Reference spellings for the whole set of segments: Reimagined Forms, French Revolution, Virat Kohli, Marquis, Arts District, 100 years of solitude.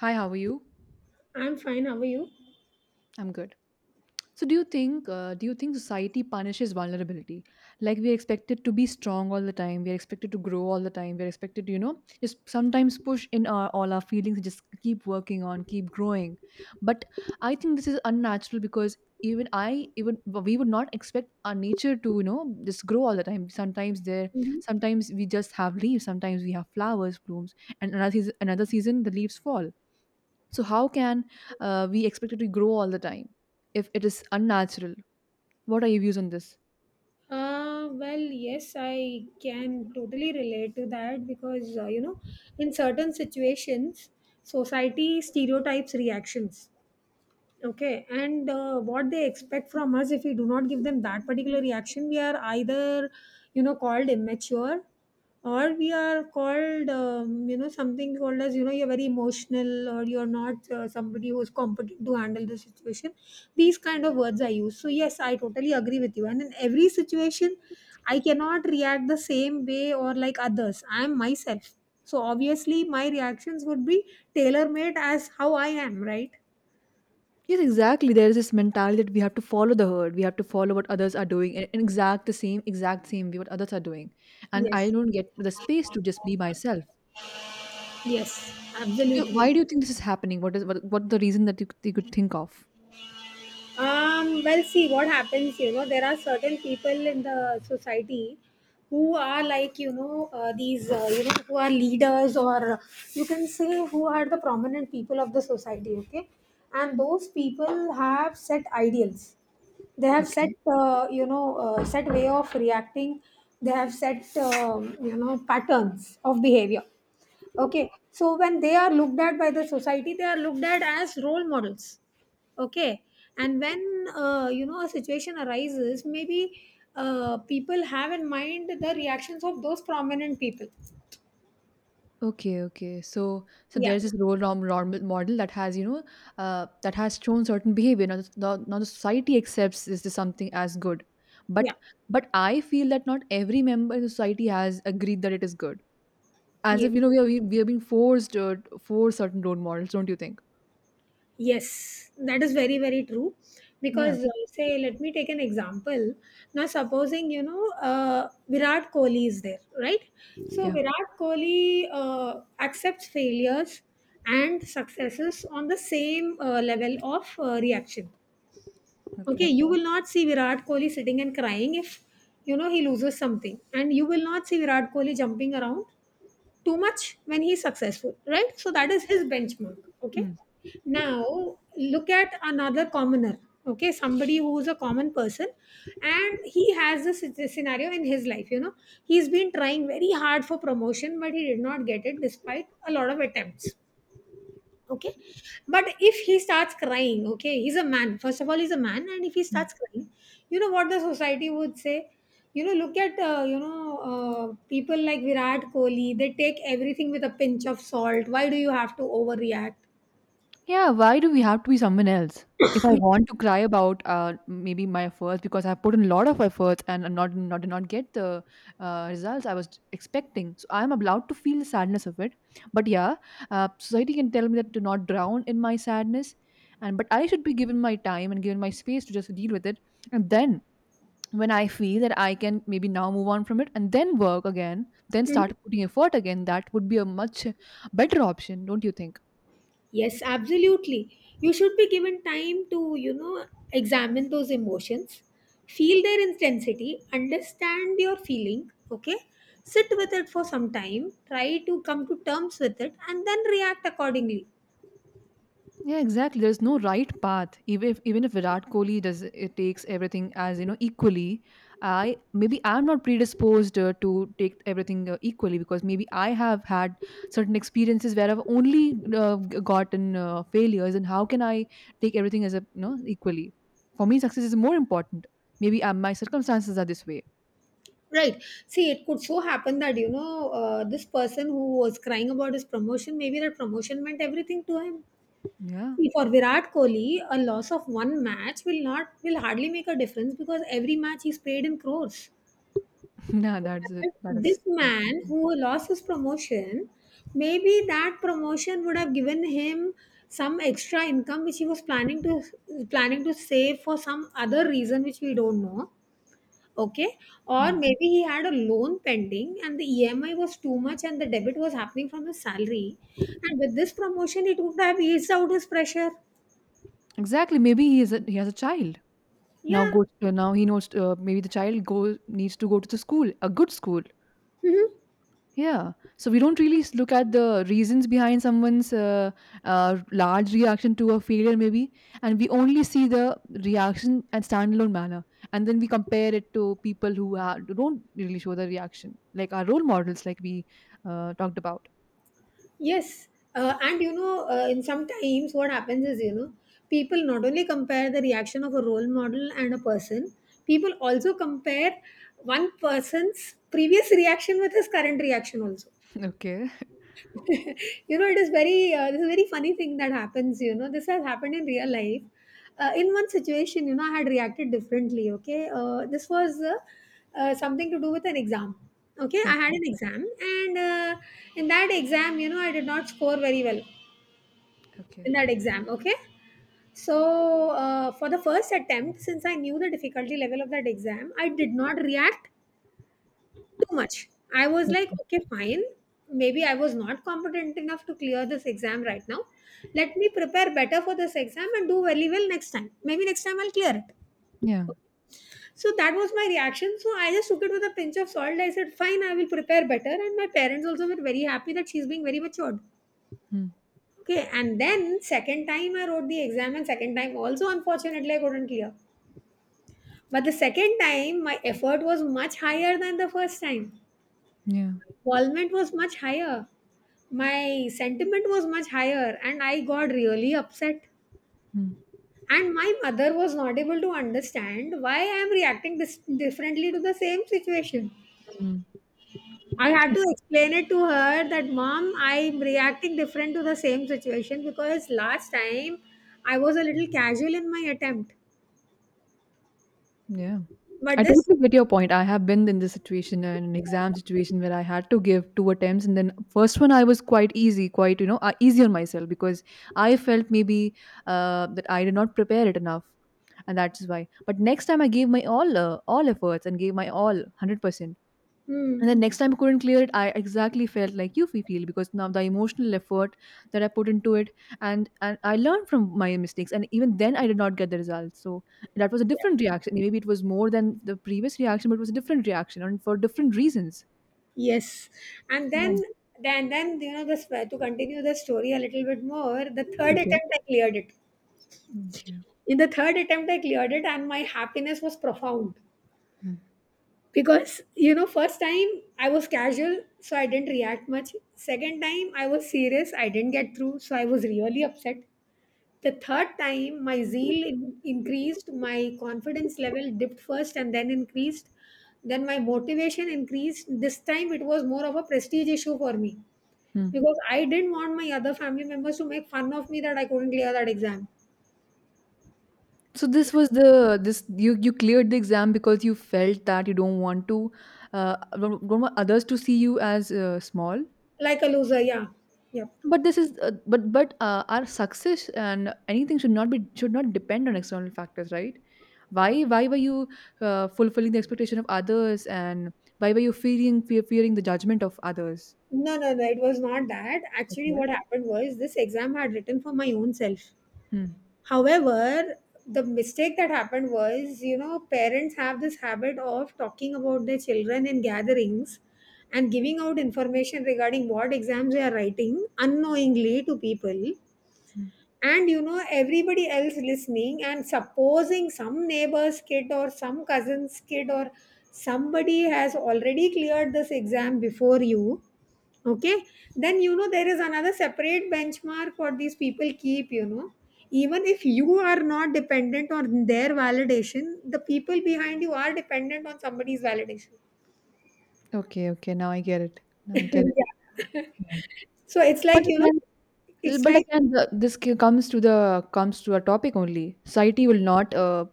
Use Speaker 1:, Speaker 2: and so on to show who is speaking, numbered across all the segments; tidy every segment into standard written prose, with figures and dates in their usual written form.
Speaker 1: Hi, how are you?
Speaker 2: I'm fine. How are you?
Speaker 1: I'm good. So, do you think society punishes vulnerability? Like we're expected to be strong all the time. We're expected to grow all the time. We're expected to just sometimes push in our, all our feelings and just keep working on, keep growing. But I think this is unnatural because even we would not expect our nature to just grow all the time.
Speaker 2: Mhm.
Speaker 1: Sometimes we just have leaves. Sometimes we have flowers, blooms, and another season the leaves fall. So, how can we expect it to grow all the time if it is unnatural? What are your views on this?
Speaker 2: Well, yes, I can totally relate to that because, in certain situations, society stereotypes reactions. Okay, and what they expect from us, if we do not give them that particular reaction, we are either, called immature, or we are called, something called as, you're very emotional, or you're not somebody who's competent to handle the situation. These kind of words are used. So yes, I totally agree with you. And in every situation, I cannot react the same way or like others. I am myself. So obviously, my reactions would be tailor made as how I am, right?
Speaker 1: Yes, exactly. There is this mentality that we have to follow the herd. We have to follow what others are doing in exact exact same way what others are doing. And I
Speaker 2: Yes.
Speaker 1: don't get the space to just be myself.
Speaker 2: Yes, absolutely.
Speaker 1: Why do you think this is happening? What the reason that you could think of?
Speaker 2: Well, see what happens. There are certain people in the society who are like these who are leaders, or you can say who are the prominent people of the society. Okay, and those people have set ideals. They have set
Speaker 1: Okay.
Speaker 2: set way of reacting. They have set patterns of behavior. Okay, so when they are looked at by the society, they are looked at as role models. Okay, and when a situation arises, maybe people have in mind the reactions of those prominent people.
Speaker 1: Okay, okay. So, so
Speaker 2: Yeah,
Speaker 1: there's this role norm model that has, you know, that has shown certain behavior. Now, now the society accepts this is something as good,
Speaker 2: yeah,
Speaker 1: but but I feel that not every member in the society has agreed that it is good. As if you know,
Speaker 2: yes.
Speaker 1: we are being forced for certain role models, don't you think?
Speaker 2: Yes, that is very, very true.
Speaker 1: Yeah.
Speaker 2: Because, say, let me take an example. Now, supposing, Virat Kohli is there, right? So,
Speaker 1: Yeah.
Speaker 2: Virat Kohli accepts failures and successes on the same level of reaction. Okay,
Speaker 1: Okay.
Speaker 2: you will not see Virat Kohli sitting and crying if, he loses something. And you will not see Virat Kohli jumping around too much when he's successful, right? So that is his benchmark. Okay,
Speaker 1: Hmm.
Speaker 2: now look at another commoner. Okay, somebody who is a common person, and he has this scenario in his life, he's been trying very hard for promotion, but he did not get it despite a lot of attempts. Okay. But if he starts crying, okay, he's a man. First of all, he's a man. And if he
Speaker 1: Hmm.
Speaker 2: starts crying, you know what the society would say? Look at, people like Virat Kohli, they take everything with a pinch of salt. Why do you have to overreact?
Speaker 1: Yeah, why do we have to be someone else? If I want to cry about maybe my efforts because I've put in a lot of efforts and I'm not did not get the results I was expecting, so I'm allowed to feel the sadness of it. But yeah, society can tell me that to not drown in my sadness, and but I should be given my time and given my space to just deal with it, and then when I feel that I can maybe now move on from it and then work again, then start putting effort again, that would be a much better option, don't you think?
Speaker 2: Yes, absolutely. You should be given time to, examine those emotions, feel their intensity, understand your feeling, okay? Sit with it for some time, try to come to terms with it, and then react accordingly.
Speaker 1: Yeah, exactly. There's no right path. Even if Virat Kohli does it takes everything as you know equally, I maybe I'm not predisposed to take everything equally because maybe I have had certain experiences where I've only gotten failures, and how can I take everything as a you know equally? For me, success is more important. Maybe my circumstances are this way.
Speaker 2: Right. See, it could so happen that, this person who was crying about his promotion, maybe that promotion meant everything to him.
Speaker 1: Yeah,
Speaker 2: See, for Virat Kohli, a loss of one match will not will hardly make a difference because every match he's paid in crores.
Speaker 1: nah, that's it. That is
Speaker 2: This
Speaker 1: good.
Speaker 2: man who lost his promotion, maybe that promotion would have given him some extra income which he was planning to save for some other reason which we don't know. Okay, or
Speaker 1: Mm.
Speaker 2: maybe he had a loan pending and the EMI was too much and the debit was happening from his salary. And with this promotion, it would have eased out his pressure.
Speaker 1: Exactly. Maybe he has a child. Now
Speaker 2: Yeah.
Speaker 1: goes to now he knows, maybe the child go needs to go to the school, a good school. Yeah. So we don't really look at the reasons behind someone's large reaction to a failure, maybe, and we only see the reaction and standalone manner, and then we compare it to people who don't really show the reaction, like our role models, like we talked about.
Speaker 2: Yes, and in sometimes what happens is, people not only compare the reaction of a role model and a person, people also compare one person's previous reaction with his current reaction also.
Speaker 1: Okay.
Speaker 2: you know, it is very this is a very funny thing that happens. You know, this has happened in real life. In one situation, I had reacted differently. Okay, this was something to do with an exam. Okay, I
Speaker 1: Okay.
Speaker 2: had an exam, and in that exam, I did not score very well
Speaker 1: Okay.
Speaker 2: in that exam, okay. So for the first attempt, since I knew the difficulty level of that exam, I did not react too much. I was like, okay, fine, maybe I was not competent enough to clear this exam right now. Let me prepare better for this exam and do very well next time. Maybe next time I'll clear it.
Speaker 1: Yeah.
Speaker 2: So that was my reaction. So I just took it with a pinch of salt. I said, fine, I will prepare better, and my parents also were very happy that she's being very matured.
Speaker 1: Mm.
Speaker 2: Okay, and then second time I wrote the exam, and second time also unfortunately I couldn't clear. But the second time my effort was much higher than the first time.
Speaker 1: Yeah.
Speaker 2: Involvement was much higher. My sentiment was much higher, and I got really upset.
Speaker 1: Mm.
Speaker 2: And my mother was not able to understand why I am reacting differently to the same situation.
Speaker 1: Mm.
Speaker 2: I had to explain it to her that mom, I'm reacting different to the same situation because last time I was a little casual in my attempt,
Speaker 1: Yeah.
Speaker 2: but
Speaker 1: I
Speaker 2: this
Speaker 1: totally get your point. I have been in this situation, in an exam situation where I had to give two attempts, and then first one I was quite easy, quite easy on myself because I felt maybe that I did not prepare it enough, and that's why. But next time I gave my all efforts and gave my all 100%. And
Speaker 2: hmm,
Speaker 1: then next time I couldn't clear it, I exactly felt like you feel because now the emotional effort that I put into it and I learned from my mistakes and even then I did not get the results. So that was a different reaction. Maybe it was more than the previous reaction, but it was a different reaction and for different reasons.
Speaker 2: yes, and
Speaker 1: Yeah.
Speaker 2: then you know this to continue the story a little bit more, the third
Speaker 1: Okay.
Speaker 2: attempt I cleared it.
Speaker 1: Okay.
Speaker 2: In the third attempt I cleared it, and my happiness was profound
Speaker 1: Hmm.
Speaker 2: because first time I was casual, so I didn't react much. Second time I was serious, I didn't get through, so I was really upset. The third time, my zeal increased, my confidence level dipped first and then increased. Then my motivation increased. This time, it was more of a prestige issue for me
Speaker 1: Hmm.
Speaker 2: because I didn't want my other family members to make fun of me that I couldn't clear that exam.
Speaker 1: So this was the this you you cleared the exam because you felt that you don't want to don't want others to see you as small.
Speaker 2: Like a loser, yeah. Yep.
Speaker 1: But this is but our success and anything should not be should not depend on external factors, right? Why were you fulfilling the expectation of others and why were you fearing the judgment of others?
Speaker 2: No, no, no, it was not that. Actually,
Speaker 1: Okay.
Speaker 2: what happened was, this exam I had written for my own self.
Speaker 1: Hmm.
Speaker 2: However, the mistake that happened was, parents have this habit of talking about their children in gatherings and giving out information regarding what exams they are writing unknowingly to people.
Speaker 1: Hmm.
Speaker 2: And, everybody else listening, and supposing some neighbor's kid or some cousin's kid or somebody has already cleared this exam before you. Okay, then there is another separate benchmark what these people keep. Even if you are not dependent on their validation, the people behind you are dependent on somebody's validation.
Speaker 1: Okay, okay, now I get it. Now I get it.
Speaker 2: yeah.
Speaker 1: Yeah.
Speaker 2: so it's like,
Speaker 1: But
Speaker 2: you know,
Speaker 1: again.
Speaker 2: it's
Speaker 1: But
Speaker 2: like
Speaker 1: again, this comes to the comes to a topic only. Society will not, uh,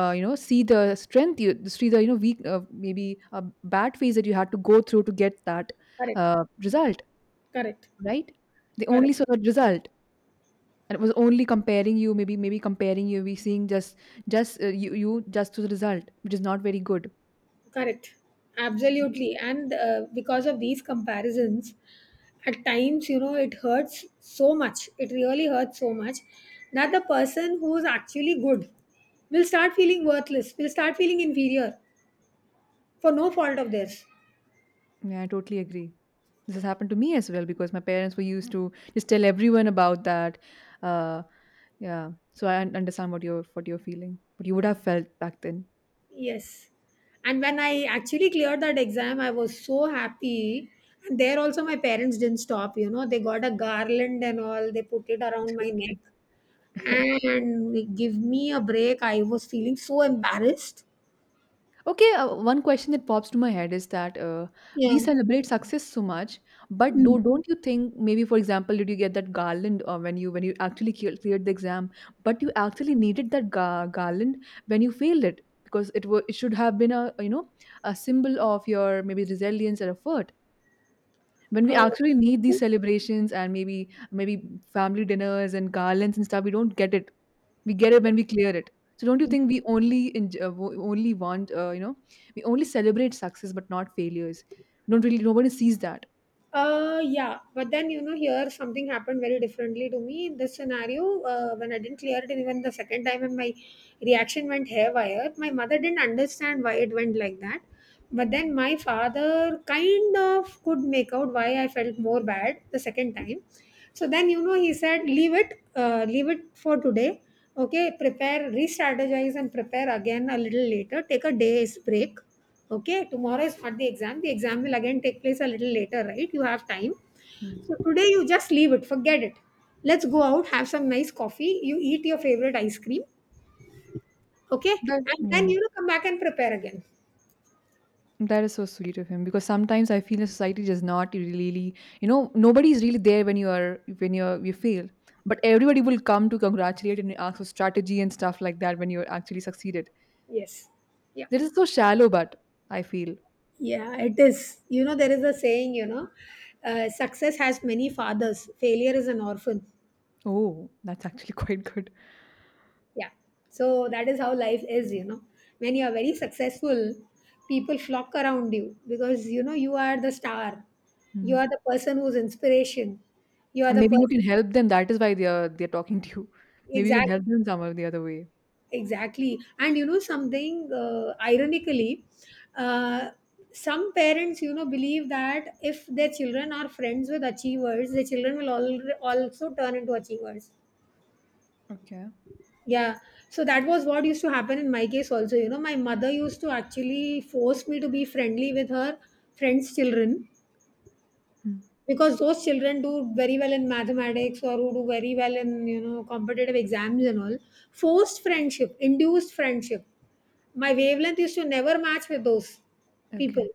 Speaker 1: uh, you know, see the strength, you see the you know weak, maybe a bad phase that you had to go through to get that
Speaker 2: correct,
Speaker 1: result,
Speaker 2: correct,
Speaker 1: right? They only
Speaker 2: correct.
Speaker 1: saw the result, and it was only comparing you, maybe comparing you, we seeing just you just to the result, which is not very good.
Speaker 2: Correct. Absolutely. And because of these comparisons, at times, it hurts so much. It really hurts so much that the person who is actually good will start feeling worthless, will start feeling inferior for no fault of theirs.
Speaker 1: Yeah, I totally agree. This has happened to me as well because my parents were used to just tell everyone about that. Uh, yeah, so I understand what you're feeling, what you would have felt back then.
Speaker 2: Yes. And when I actually cleared that exam, I was so happy. And there also, my parents didn't stop, they got a garland and all, they put it around my neck.
Speaker 1: Okay,
Speaker 2: And they give me a break. I was feeling so embarrassed.
Speaker 1: okay. One question that pops to my head is that we
Speaker 2: Yeah.
Speaker 1: celebrate success so much, but
Speaker 2: Mm.
Speaker 1: don't you think maybe, for example, did you get that garland when you actually cleared the exam, but you actually needed that garland when you failed it because it should have been a you know a symbol of your maybe resilience and effort when we
Speaker 2: Uh,
Speaker 1: actually need these celebrations and maybe maybe family dinners and garlands and stuff, we don't get it. We get it when we clear it. So don't you think we only only want you know we only celebrate success but not failures? Don't really nobody sees that.
Speaker 2: yeah, but then here something happened very differently to me in this scenario. When I didn't clear it even the second time, and my reaction went haywire, my mother didn't understand why it went like that. But then my father kind of could make out why I felt more bad the second time. So then, he said, leave it for today. Okay, prepare, re strategize and prepare again a little later. Take a day's break. Okay, tomorrow is not the exam. The exam will again take place a little later, right? You have time. So
Speaker 1: Hmm.
Speaker 2: today, you just leave it, forget it. Let's go out, have some nice coffee. You eat your favorite ice cream. Okay,
Speaker 1: That
Speaker 2: and
Speaker 1: yeah.
Speaker 2: then, come back and prepare again.
Speaker 1: That is so sweet of him because sometimes I feel the society does not really, you know, nobody is really there when you are you fail, but everybody will come to congratulate and ask for strategy and stuff like that when you actually succeeded.
Speaker 2: Yes. Yeah.
Speaker 1: This is so shallow, but I feel.
Speaker 2: Yeah, it is. You know, there is a saying, success has many fathers, failure is an orphan.
Speaker 1: Oh, that's actually quite good.
Speaker 2: Yeah. So that is how life is. When you are very successful, people flock around you because, you are the star. You are
Speaker 1: Mm.
Speaker 2: the person who's inspiration. You are
Speaker 1: And
Speaker 2: the
Speaker 1: maybe you
Speaker 2: person.
Speaker 1: can help them. That is why they're talking to you. Maybe you can
Speaker 2: Exactly.
Speaker 1: help them somehow the other way.
Speaker 2: Exactly. And, something ironically, uh, some parents, believe that if their children are friends with achievers, their children will also turn into achievers.
Speaker 1: Okay.
Speaker 2: Yeah, so that was what used to happen in my case also. My mother used to actually force me to be friendly with her friends' children
Speaker 1: Mm.
Speaker 2: because those children do very well in mathematics, or who do very well in, competitive exams and all, forced friendship, induced friendship. My wavelength used to never match with those people.
Speaker 1: Okay.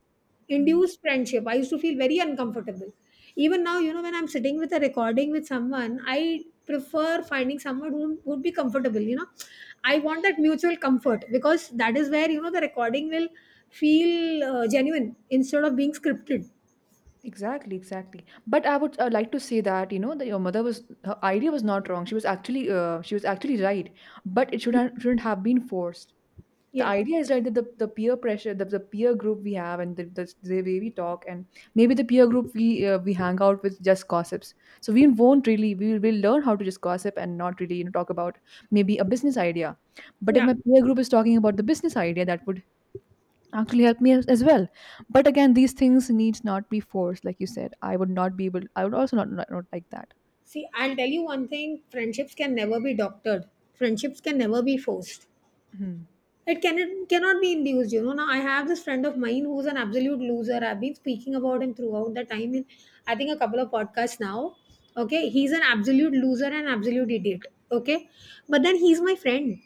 Speaker 1: Mm.
Speaker 2: Induced friendship. I used to feel very uncomfortable. Even now, when I'm sitting with a recording with someone, I prefer finding someone who would be comfortable. I want that mutual comfort because that is where, the recording will feel genuine instead of being scripted.
Speaker 1: Exactly, exactly. But I would like to say that, you know, that your mother was her idea was not wrong. She was actually right, but it shouldn't have been forced. The
Speaker 2: Yeah.
Speaker 1: idea is right that the peer pressure the peer group we have and the way we talk and maybe the peer group we hang out with just gossips, so we won't really we'll learn how to just gossip and not really you know talk about maybe a business idea, but if
Speaker 2: Yeah.
Speaker 1: my peer group is talking about the business idea, that would actually help me as well. But again these things need not be forced like you said. I would not be able, I would also not like that.
Speaker 2: See, I'll tell you one thing, friendships can never be doctored, friendships can never be forced.
Speaker 1: Mhm.
Speaker 2: It cannot be induced, you know. Now I have this friend of mine who's an absolute loser. I've been speaking about him throughout the time in I think a couple of podcasts now. Okay, he's an absolute loser and absolute idiot. Okay. But then he's my friend.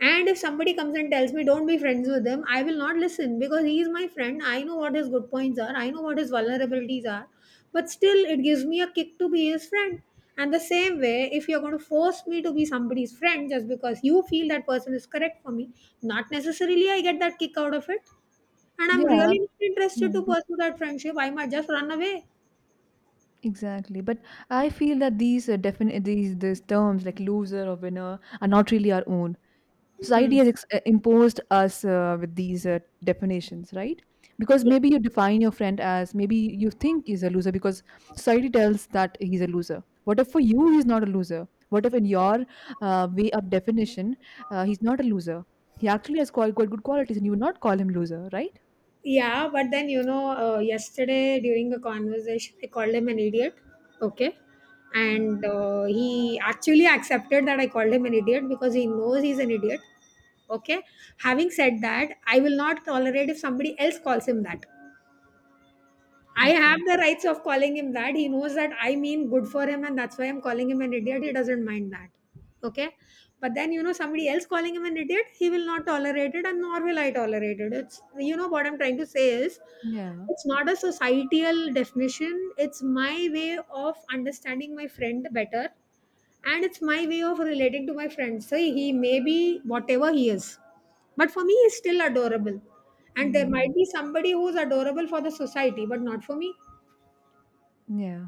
Speaker 2: And if somebody comes and tells me don't be friends with him, I will not listen because he is my friend. I know what his good points are, I know what his vulnerabilities are, but still it gives me a kick to be his friend. And the same way, if you're going to force me to be somebody's friend just because you feel that person is correct for me, not necessarily I get that kick out of it, and I'm
Speaker 1: Yeah.
Speaker 2: really not interested to
Speaker 1: Hmm.
Speaker 2: pursue that friendship. I might just run away.
Speaker 1: Exactly, but I feel that these these terms like loser or winner are not really our own. Society
Speaker 2: Hmm.
Speaker 1: has imposed us with these definitions, right? Because
Speaker 2: Yeah.
Speaker 1: maybe you define your friend as maybe you think he's a loser because society tells that he's a loser. What if for you he's not a loser? What if in your way of definition he's not a loser? He actually has quite good qualities, and you would not call him loser, right?
Speaker 2: Yeah, but then, you know, yesterday during a conversation I called him an idiot. Okay.
Speaker 1: Mm.
Speaker 2: And he actually accepted that I called him an idiot because he knows he's an idiot. Okay? Having said that, I will not tolerate if somebody else calls him that. I
Speaker 1: Okay.
Speaker 2: have the rights of calling him that. He knows that I mean good for him, and that's why I'm calling him an idiot. He doesn't mind that. Okay? But then, you know, somebody else calling him an idiot, he will not tolerate it, and nor will I tolerate it. It's, you know, what I'm trying to say is,
Speaker 1: Yeah.
Speaker 2: it's not a societal definition, it's my way of understanding my friend better, and it's my way of relating to my friends. So he may be whatever he is, but for me he's still adorable. And there
Speaker 1: Mm.
Speaker 2: might be somebody who's adorable for the society but not for me.
Speaker 1: Yeah.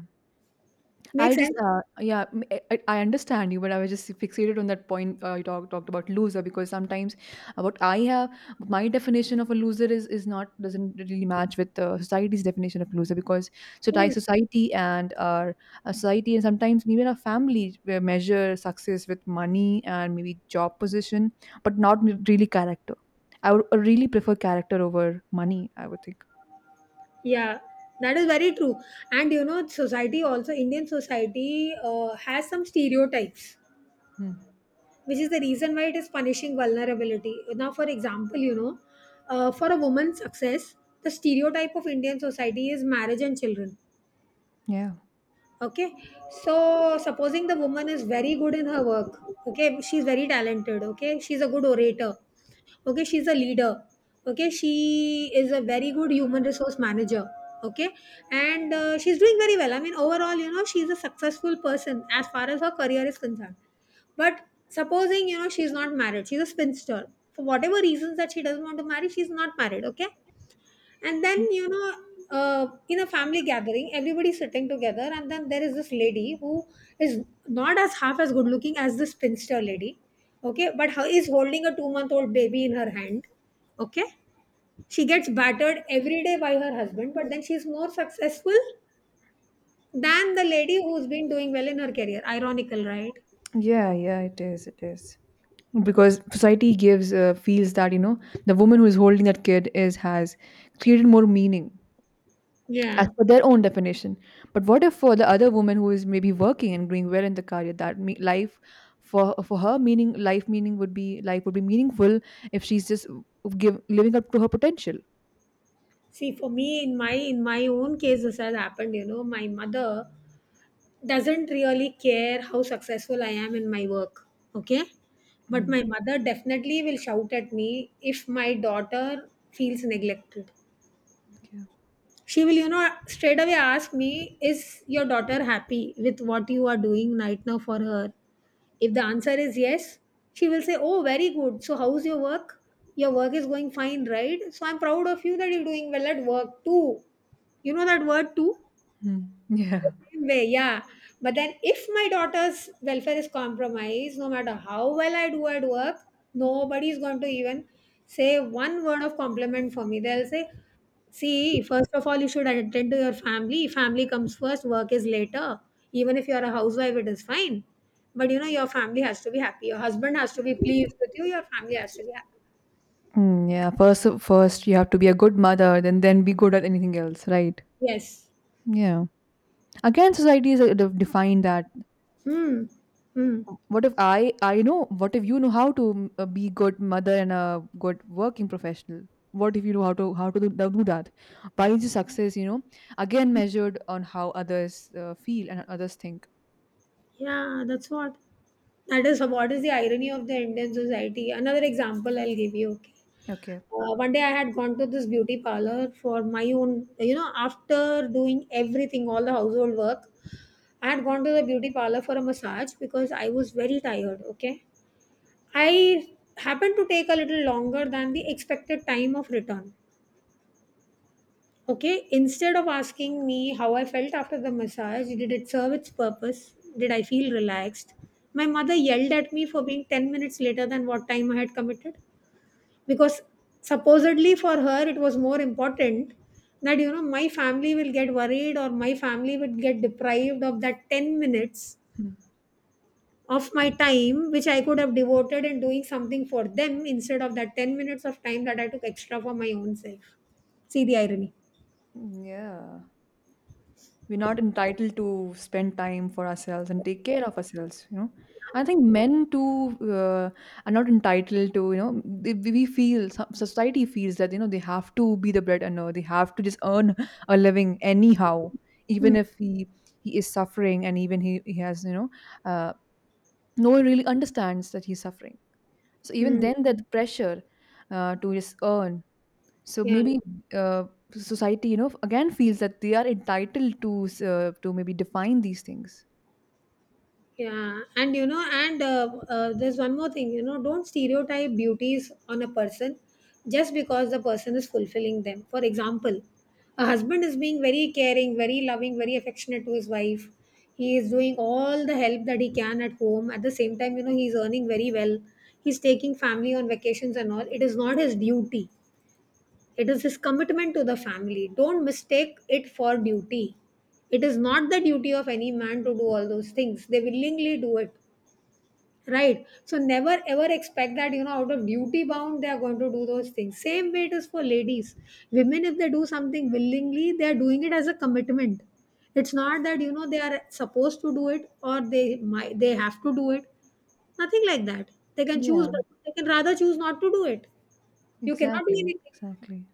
Speaker 1: I
Speaker 2: Makes
Speaker 1: just,
Speaker 2: sense?
Speaker 1: yeah, I understand you, but I was just fixated on that point. You talked about loser because sometimes what I have, my definition of a loser is not doesn't really match with society's definition of loser because so die
Speaker 2: Hmm.
Speaker 1: society and our society and sometimes even our family measure success with money and maybe job position, but not m- really character. I would really prefer character over money. I would think.
Speaker 2: Yeah, that is very true. And you know, society, also Indian society, has some stereotypes,
Speaker 1: Hmm.
Speaker 2: which is the reason why it is punishing vulnerability. Now for example, you know, for a woman's success, the stereotype of Indian society is marriage and children.
Speaker 1: Yeah.
Speaker 2: Okay, so supposing the woman is very good in her work, okay, she's very talented, okay, she's a good orator, okay, she's a leader, okay, she is a very good human resource manager, okay, and she's doing very well, I mean overall, you know, she's a successful person as far as her career is concerned. But supposing, you know, she's not married, she's a spinster, for whatever reasons that she doesn't want to marry, she's not married, okay. And then, you know, in a family gathering, everybody's sitting together, and then there is this lady who is not as half as good looking as this spinster lady, okay, but her, is holding a 2-month old baby in her hand, okay. She gets battered every day by her husband, but then she's more successful than the lady who's been doing well in her career. Ironical, right?
Speaker 1: Yeah, yeah, it is. It is. Because society gives feels that the woman who is holding that kid is has created more meaning as
Speaker 2: Yeah.
Speaker 1: per their own definition. But what if for the other woman who is maybe working and doing well in the career, that life, for her meaning, life meaning would be, life would be meaningful if she's just living up to her potential.
Speaker 2: See, for me, in my own case, this has happened. You know, my mother doesn't really care how successful I am in my work. Okay, but
Speaker 1: mm,
Speaker 2: my mother definitely will shout at me if my daughter feels neglected.
Speaker 1: yeah.
Speaker 2: She will, you know, straight away ask me, is your daughter happy with what you are doing right now for her? If the answer is yes, she will say, oh very good, so how's your work? Your work is going fine, right? So I'm proud of you that you're doing well at work too. You know, that word too.
Speaker 1: Yeah.
Speaker 2: Way, yeah. But then if my daughter's welfare is compromised, no matter how well I do at work, nobody's going to even say one word of compliment for me. They'll say, see, first of all, you should attend to your family. Family comes first, work is later. Even if you're a housewife, it is fine. But you know, your family has to be happy. Your husband has to be pleased with you. Your family has to be happy.
Speaker 1: Yeah, first you have to be a good mother, then be good at anything else, right?
Speaker 2: Yes.
Speaker 1: Yeah. Again society is defined that.
Speaker 2: Hmm. Hmm.
Speaker 1: What if I know, what if you know how to, be good mother and a good working professional? What if you know how to do that? Why is your success, again measured on how others, feel and others think?
Speaker 2: Yeah, that's what. That is what is the irony of the Indian society. Another example I'll give you. Okay.
Speaker 1: Okay.
Speaker 2: One day I had gone to this beauty parlor for my own, you know, after doing everything, all the household work, I had gone to the beauty parlor for a massage because I was very tired. Okay. I happened to take a little longer than the expected time of return. Okay, instead of asking me how I felt after the massage, did it serve its purpose? Did I feel relaxed? My mother yelled at me for being 10 minutes later than what time I had committed, because supposedly for her it was more important that, you know, my family will get worried, or my family would get deprived of that 10 minutes
Speaker 1: Hmm.
Speaker 2: of my time which I could have devoted in doing something for them, instead of that 10 minutes of time that I took extra for my own self. See the irony.
Speaker 1: Yeah. We're not entitled to spend time for ourselves and take care of ourselves, you know. I think men too are not entitled to, you know, we feel society feels that you know they have to be the bread earner, they have to just earn a living anyhow, even
Speaker 2: Hmm.
Speaker 1: if he is suffering and even he has, you know, uh, no one really understands that he's suffering. So even
Speaker 2: Mm.
Speaker 1: then, that pressure, to just earn, so
Speaker 2: Yeah.
Speaker 1: maybe, uh, society, you know, again feels that they are entitled to maybe define these things.
Speaker 2: Yeah, and you know, and there's one more thing, you know, don't stereotype beauties on a person just because the person is fulfilling them. For example, a husband is being very caring, very loving, very affectionate to his wife. He is doing all the help that he can at home. At the same time, you know, he's earning very well. He's taking family on vacations and all. It is not his duty, it is his commitment to the family. Don't mistake it for duty. It is not the duty of any man to do all those things. They willingly do it. Right. So never ever expect that, you know, out of duty bound, they are going to do those things. Same way it is for ladies. Women, if they do something willingly, they are doing it as a commitment. It's not that, you know, they are supposed to do it, or they have to do it. Nothing like that. They can choose,
Speaker 1: Yeah,
Speaker 2: but they can rather choose not to do it. You cannot do
Speaker 1: exactly,
Speaker 2: anything.
Speaker 1: exactly.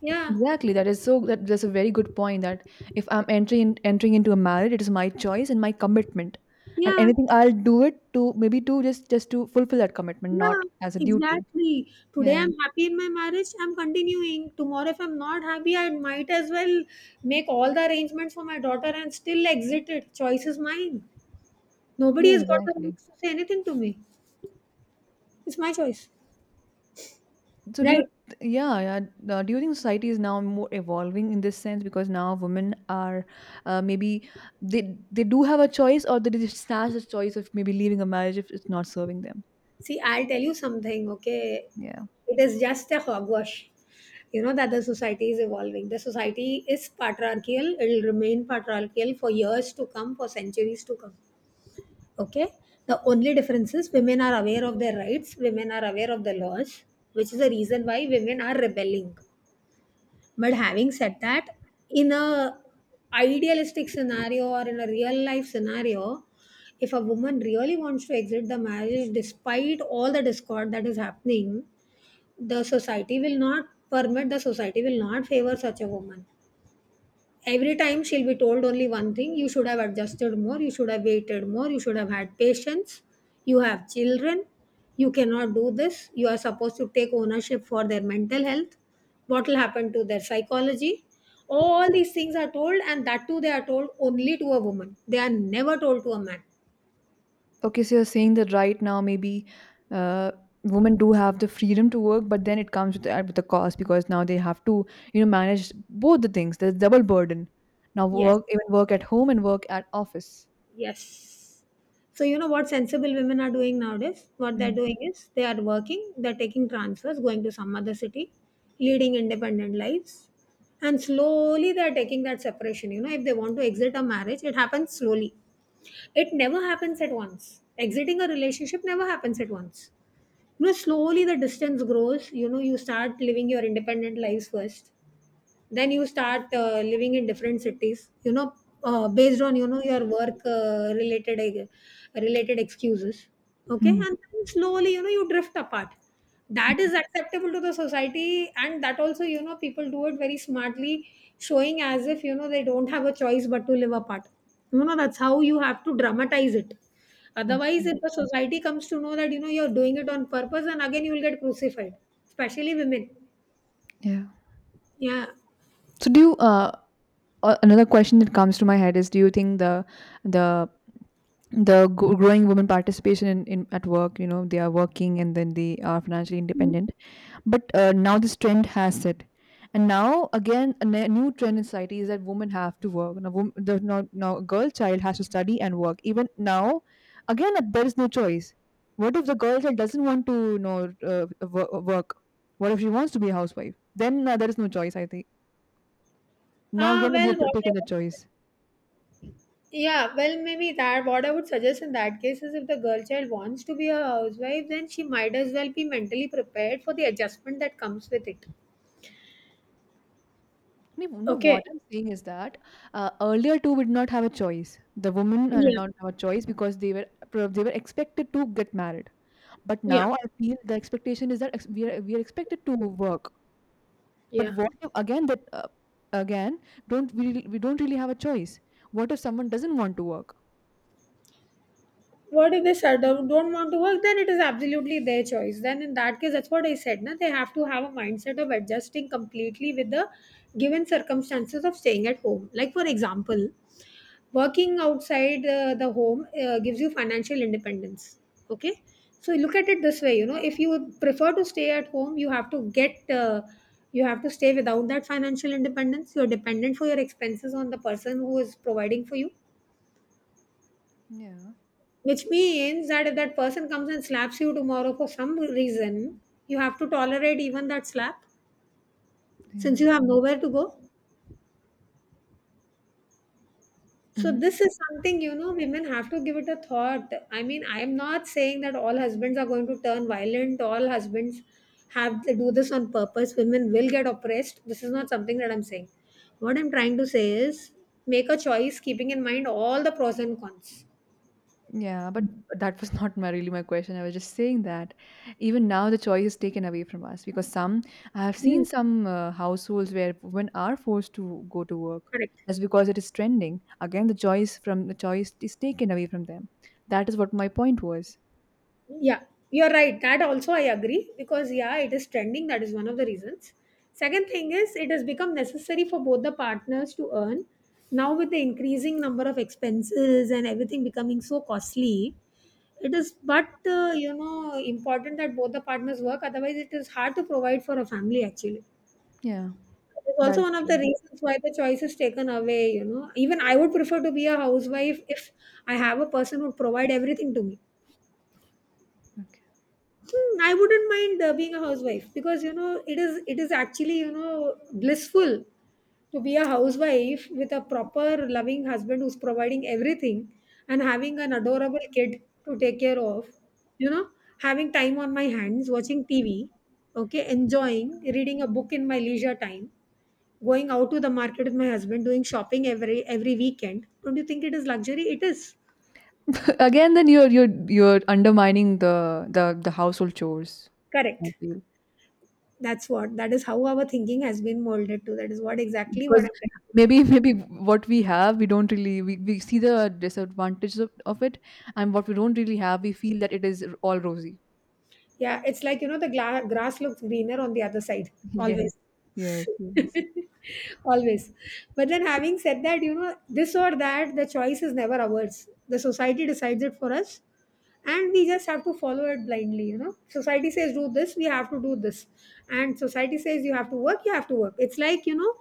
Speaker 2: Yeah.
Speaker 1: Exactly. That is so. That's a very good point. That if I'm entering into a marriage, it is my choice and my commitment, and
Speaker 2: Yeah.
Speaker 1: anything I'll do it to maybe to just to fulfill that commitment, not
Speaker 2: Yeah,
Speaker 1: as a duty.
Speaker 2: exactly. Today
Speaker 1: Yeah.
Speaker 2: I'm happy in my marriage, I'm continuing. Tomorrow, if I'm not happy, I might as well make all the arrangements for my daughter and still exit it. Choice is mine. Nobody
Speaker 1: Yeah.
Speaker 2: has got the
Speaker 1: Exactly.
Speaker 2: right to say anything to me. It's my choice.
Speaker 1: So do
Speaker 2: Right.
Speaker 1: yeah, yeah. Do you think society is now more evolving in this sense because now women are, maybe they do have a choice, or they just snatch the choice of maybe leaving a marriage if it's not serving them.
Speaker 2: See, I'll tell you something, okay?
Speaker 1: Yeah.
Speaker 2: It is just a hogwash. You know that the society is evolving. The society is patriarchal, it'll remain patriarchal for years to come, for centuries to come. Okay? The only difference is women are aware of their rights, women are aware of the laws, which is the reason why women are rebelling. But having said that, in a idealistic scenario or in a real life scenario, if a woman really wants to exit the marriage despite all the discord that is happening, the society will not permit, the society will not favor such a woman. Every time she'll be told only one thing, you should have adjusted more, you should have waited more, you should have had patience, you have children, you cannot do this, you are supposed to take ownership for their mental health, what will happen to their psychology. All these things are told, and that too, they are told only to a woman, they are never told to a man.
Speaker 1: Okay, so you're saying that right now maybe, uh, women do have the freedom to work, but then it comes with with the cost, because now they have to, you know, manage both the things. There's double burden. Now
Speaker 2: Yes.
Speaker 1: work, even work at home and work at office.
Speaker 2: Yes. So you know what sensible women are doing nowadays? What they're
Speaker 1: Mm.
Speaker 2: doing is they are working, they're taking transfers, going to some other city, leading independent lives. And slowly they're taking that separation. You know, if they want to exit a marriage, it happens slowly. It never happens at once. Exiting a relationship never happens at once. You know, slowly the distance grows. You know, you start living your independent lives first, then you start living in different cities, you know, based on, you know, your work related excuses, okay, and
Speaker 1: Mm.
Speaker 2: then slowly, you know, you drift apart. That is acceptable to the society, and that also, you know, people do it very smartly, showing as if, you know, they don't have a choice but to live apart. You know, that's how you have to dramatize it.
Speaker 1: Okay.
Speaker 2: Otherwise, if the society comes to know that, you know, you're doing it on purpose, then again you will get crucified, especially women.
Speaker 1: Yeah.
Speaker 2: Yeah.
Speaker 1: So do you another question that comes to my head is, do you think the the growing women participation in at work, you know they are working and then they are financially independent, but now this trend has set, and now again a new trend in society is that women have to work now, now a girl child has to study and work even now. Again, there is no choice. What if the girl child doesn't want to, you know, work? What if she wants to be a housewife? Then there is no choice, I think. Now
Speaker 2: Ah,
Speaker 1: again we have
Speaker 2: well,
Speaker 1: to
Speaker 2: what
Speaker 1: take in the
Speaker 2: I,
Speaker 1: choice.
Speaker 2: yeah, well, maybe that what I would suggest in that case is if the girl child wants to be a housewife, then she might as well be mentally prepared for the adjustment that comes with it.
Speaker 1: No, no, what I'm saying is that, earlier two would not have a choice. The women did not have a choice because they were they were expected to get married. But now I feel the expectation is that we are expected to work. But
Speaker 2: Yeah.
Speaker 1: what if again that again don't we don't really have a choice? What if someone doesn't want to work?
Speaker 2: What if they said don't want to work? Then it is absolutely their choice. Then in that case, that's what I said. Na, they have to have a mindset of adjusting completely with the given circumstances of staying at home. Like for example, working outside the home gives you financial independence, okay, so look at it this way. You know, if you prefer to stay at home, you have to get you have to stay without that financial independence. You're dependent for your expenses on the person who is providing for you,
Speaker 1: Yeah,
Speaker 2: which means that if that person comes and slaps you tomorrow for some reason, you have to tolerate even that slap
Speaker 1: yeah.
Speaker 2: since you have nowhere to go. So
Speaker 1: Mhm.
Speaker 2: this is something, you know, women have to give it a thought. I mean, I am not saying that all husbands are going to turn violent, all husbands have to do this on purpose, women will get oppressed. This is not something that I'm saying. What I'm trying to say is make a choice, keeping in mind all the pros and cons.
Speaker 1: Yeah, but that was not my really my question. I was just saying that even now the choice is taken away from us because some, I have
Speaker 2: Hmm.
Speaker 1: seen some households where women are forced to go to work
Speaker 2: Correct.
Speaker 1: just because it is trending. Again, the choice is taken away from them. That is what my point was.
Speaker 2: Yeah, you're right. That also I agree, because yeah, it is trending. That is one of the reasons. Second thing is it has become necessary for both the partners to earn. Now with the increasing number of expenses and everything becoming so costly, it is but you know, important that both the partners work. Otherwise, it is hard to provide for a family. Actually,
Speaker 1: Yeah,
Speaker 2: it's
Speaker 1: that
Speaker 2: also
Speaker 1: is
Speaker 2: one of the
Speaker 1: true.
Speaker 2: reasons why the choice is taken away. You know, even I would prefer to be a housewife if I have a person who would provide everything to me.
Speaker 1: Okay.
Speaker 2: Hmm, I wouldn't mind being a housewife, because you know, it is actually, you know, blissful to be a housewife with a proper loving husband who's providing everything and having an adorable kid to take care of, you know, having time on my hands, watching tv, okay, enjoying reading a book in my leisure time, going out to the market with my husband, doing shopping every weekend. Don't you think it is luxury? It is.
Speaker 1: Again, then you're undermining the household chores, I
Speaker 2: Correct.
Speaker 1: feel.
Speaker 2: That's what, that is how our thinking has been molded to. That is what, exactly what
Speaker 1: Because
Speaker 2: I'm trying to do.
Speaker 1: maybe maybe what we have, we don't really, we see the disadvantages of it, and what we don't really have we feel that it is all rosy.
Speaker 2: Yeah, it's like you know, the grass looks greener on the other side
Speaker 1: Yes,
Speaker 2: always.
Speaker 1: yes, yes.
Speaker 2: Always. But then having said that, you know, this or that, the choice is never ours. The society decides it for us, and we just have to follow it blindly. You know, society says do this, we have to do this, and society says you have to work, you have to work. It's like, you know,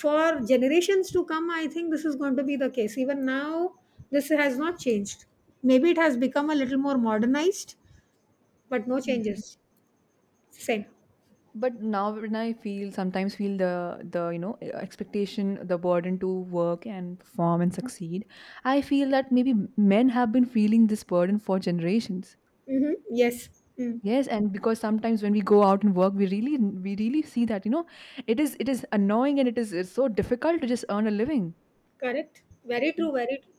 Speaker 2: for generations to come, I think this is going to be the case. Even now, this has not changed. Maybe it has become a little more modernized, but no
Speaker 1: Yeah.
Speaker 2: changes. Same.
Speaker 1: But now when I feel sometimes feel the, you know, expectation, the burden to work and perform and succeed, I feel that maybe men have been feeling this burden for generations.
Speaker 2: Hmm, yes. Mm.
Speaker 1: Yes, and because sometimes when we go out and work, we really see that, you know, it is, it is annoying, and it is, it's so difficult to just earn a living.
Speaker 2: Correct. Very true. Very true.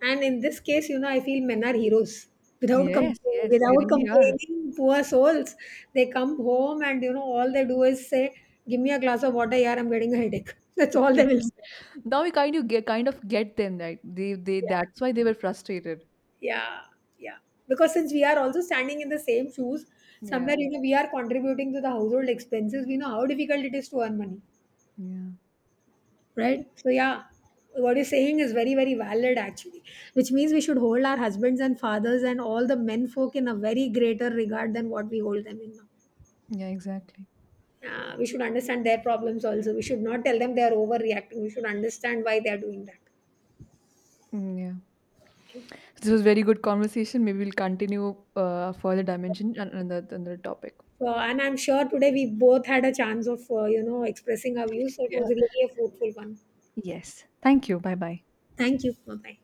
Speaker 2: And in this case, you know, I feel men are heroes. Without com
Speaker 1: Yes, yes, they
Speaker 2: Without
Speaker 1: really are.
Speaker 2: complaining, poor souls, they come home and you know, all they do is say, "Give me a glass of water, yeah, I'm getting a headache." That's all they will say.
Speaker 1: Now we kind of get them, that they
Speaker 2: Yeah.
Speaker 1: that's why they were frustrated.
Speaker 2: Yeah, yeah. Because since we are also standing in the same shoes,
Speaker 1: Yeah,
Speaker 2: somewhere, you know, we are contributing to the household expenses. We know how difficult it is to earn money,
Speaker 1: yeah,
Speaker 2: right? So, yeah, what you're saying is very, very valid actually, which means we should hold our husbands and fathers and all the men folk in a very greater regard than what we hold them in now.
Speaker 1: yeah, exactly.
Speaker 2: We should understand their problems also. We should not tell them they are overreacting. We should understand why they are doing that.
Speaker 1: Yeah,
Speaker 2: Okay.
Speaker 1: this was very good conversation. Maybe we'll continue, further dimension and another topic.
Speaker 2: So, and I'm sure today we both had a chance of, you know, expressing our views. So it
Speaker 1: Yeah.
Speaker 2: was really a fruitful one.
Speaker 1: Yes. Thank you. Bye bye.
Speaker 2: Thank you. Bye bye.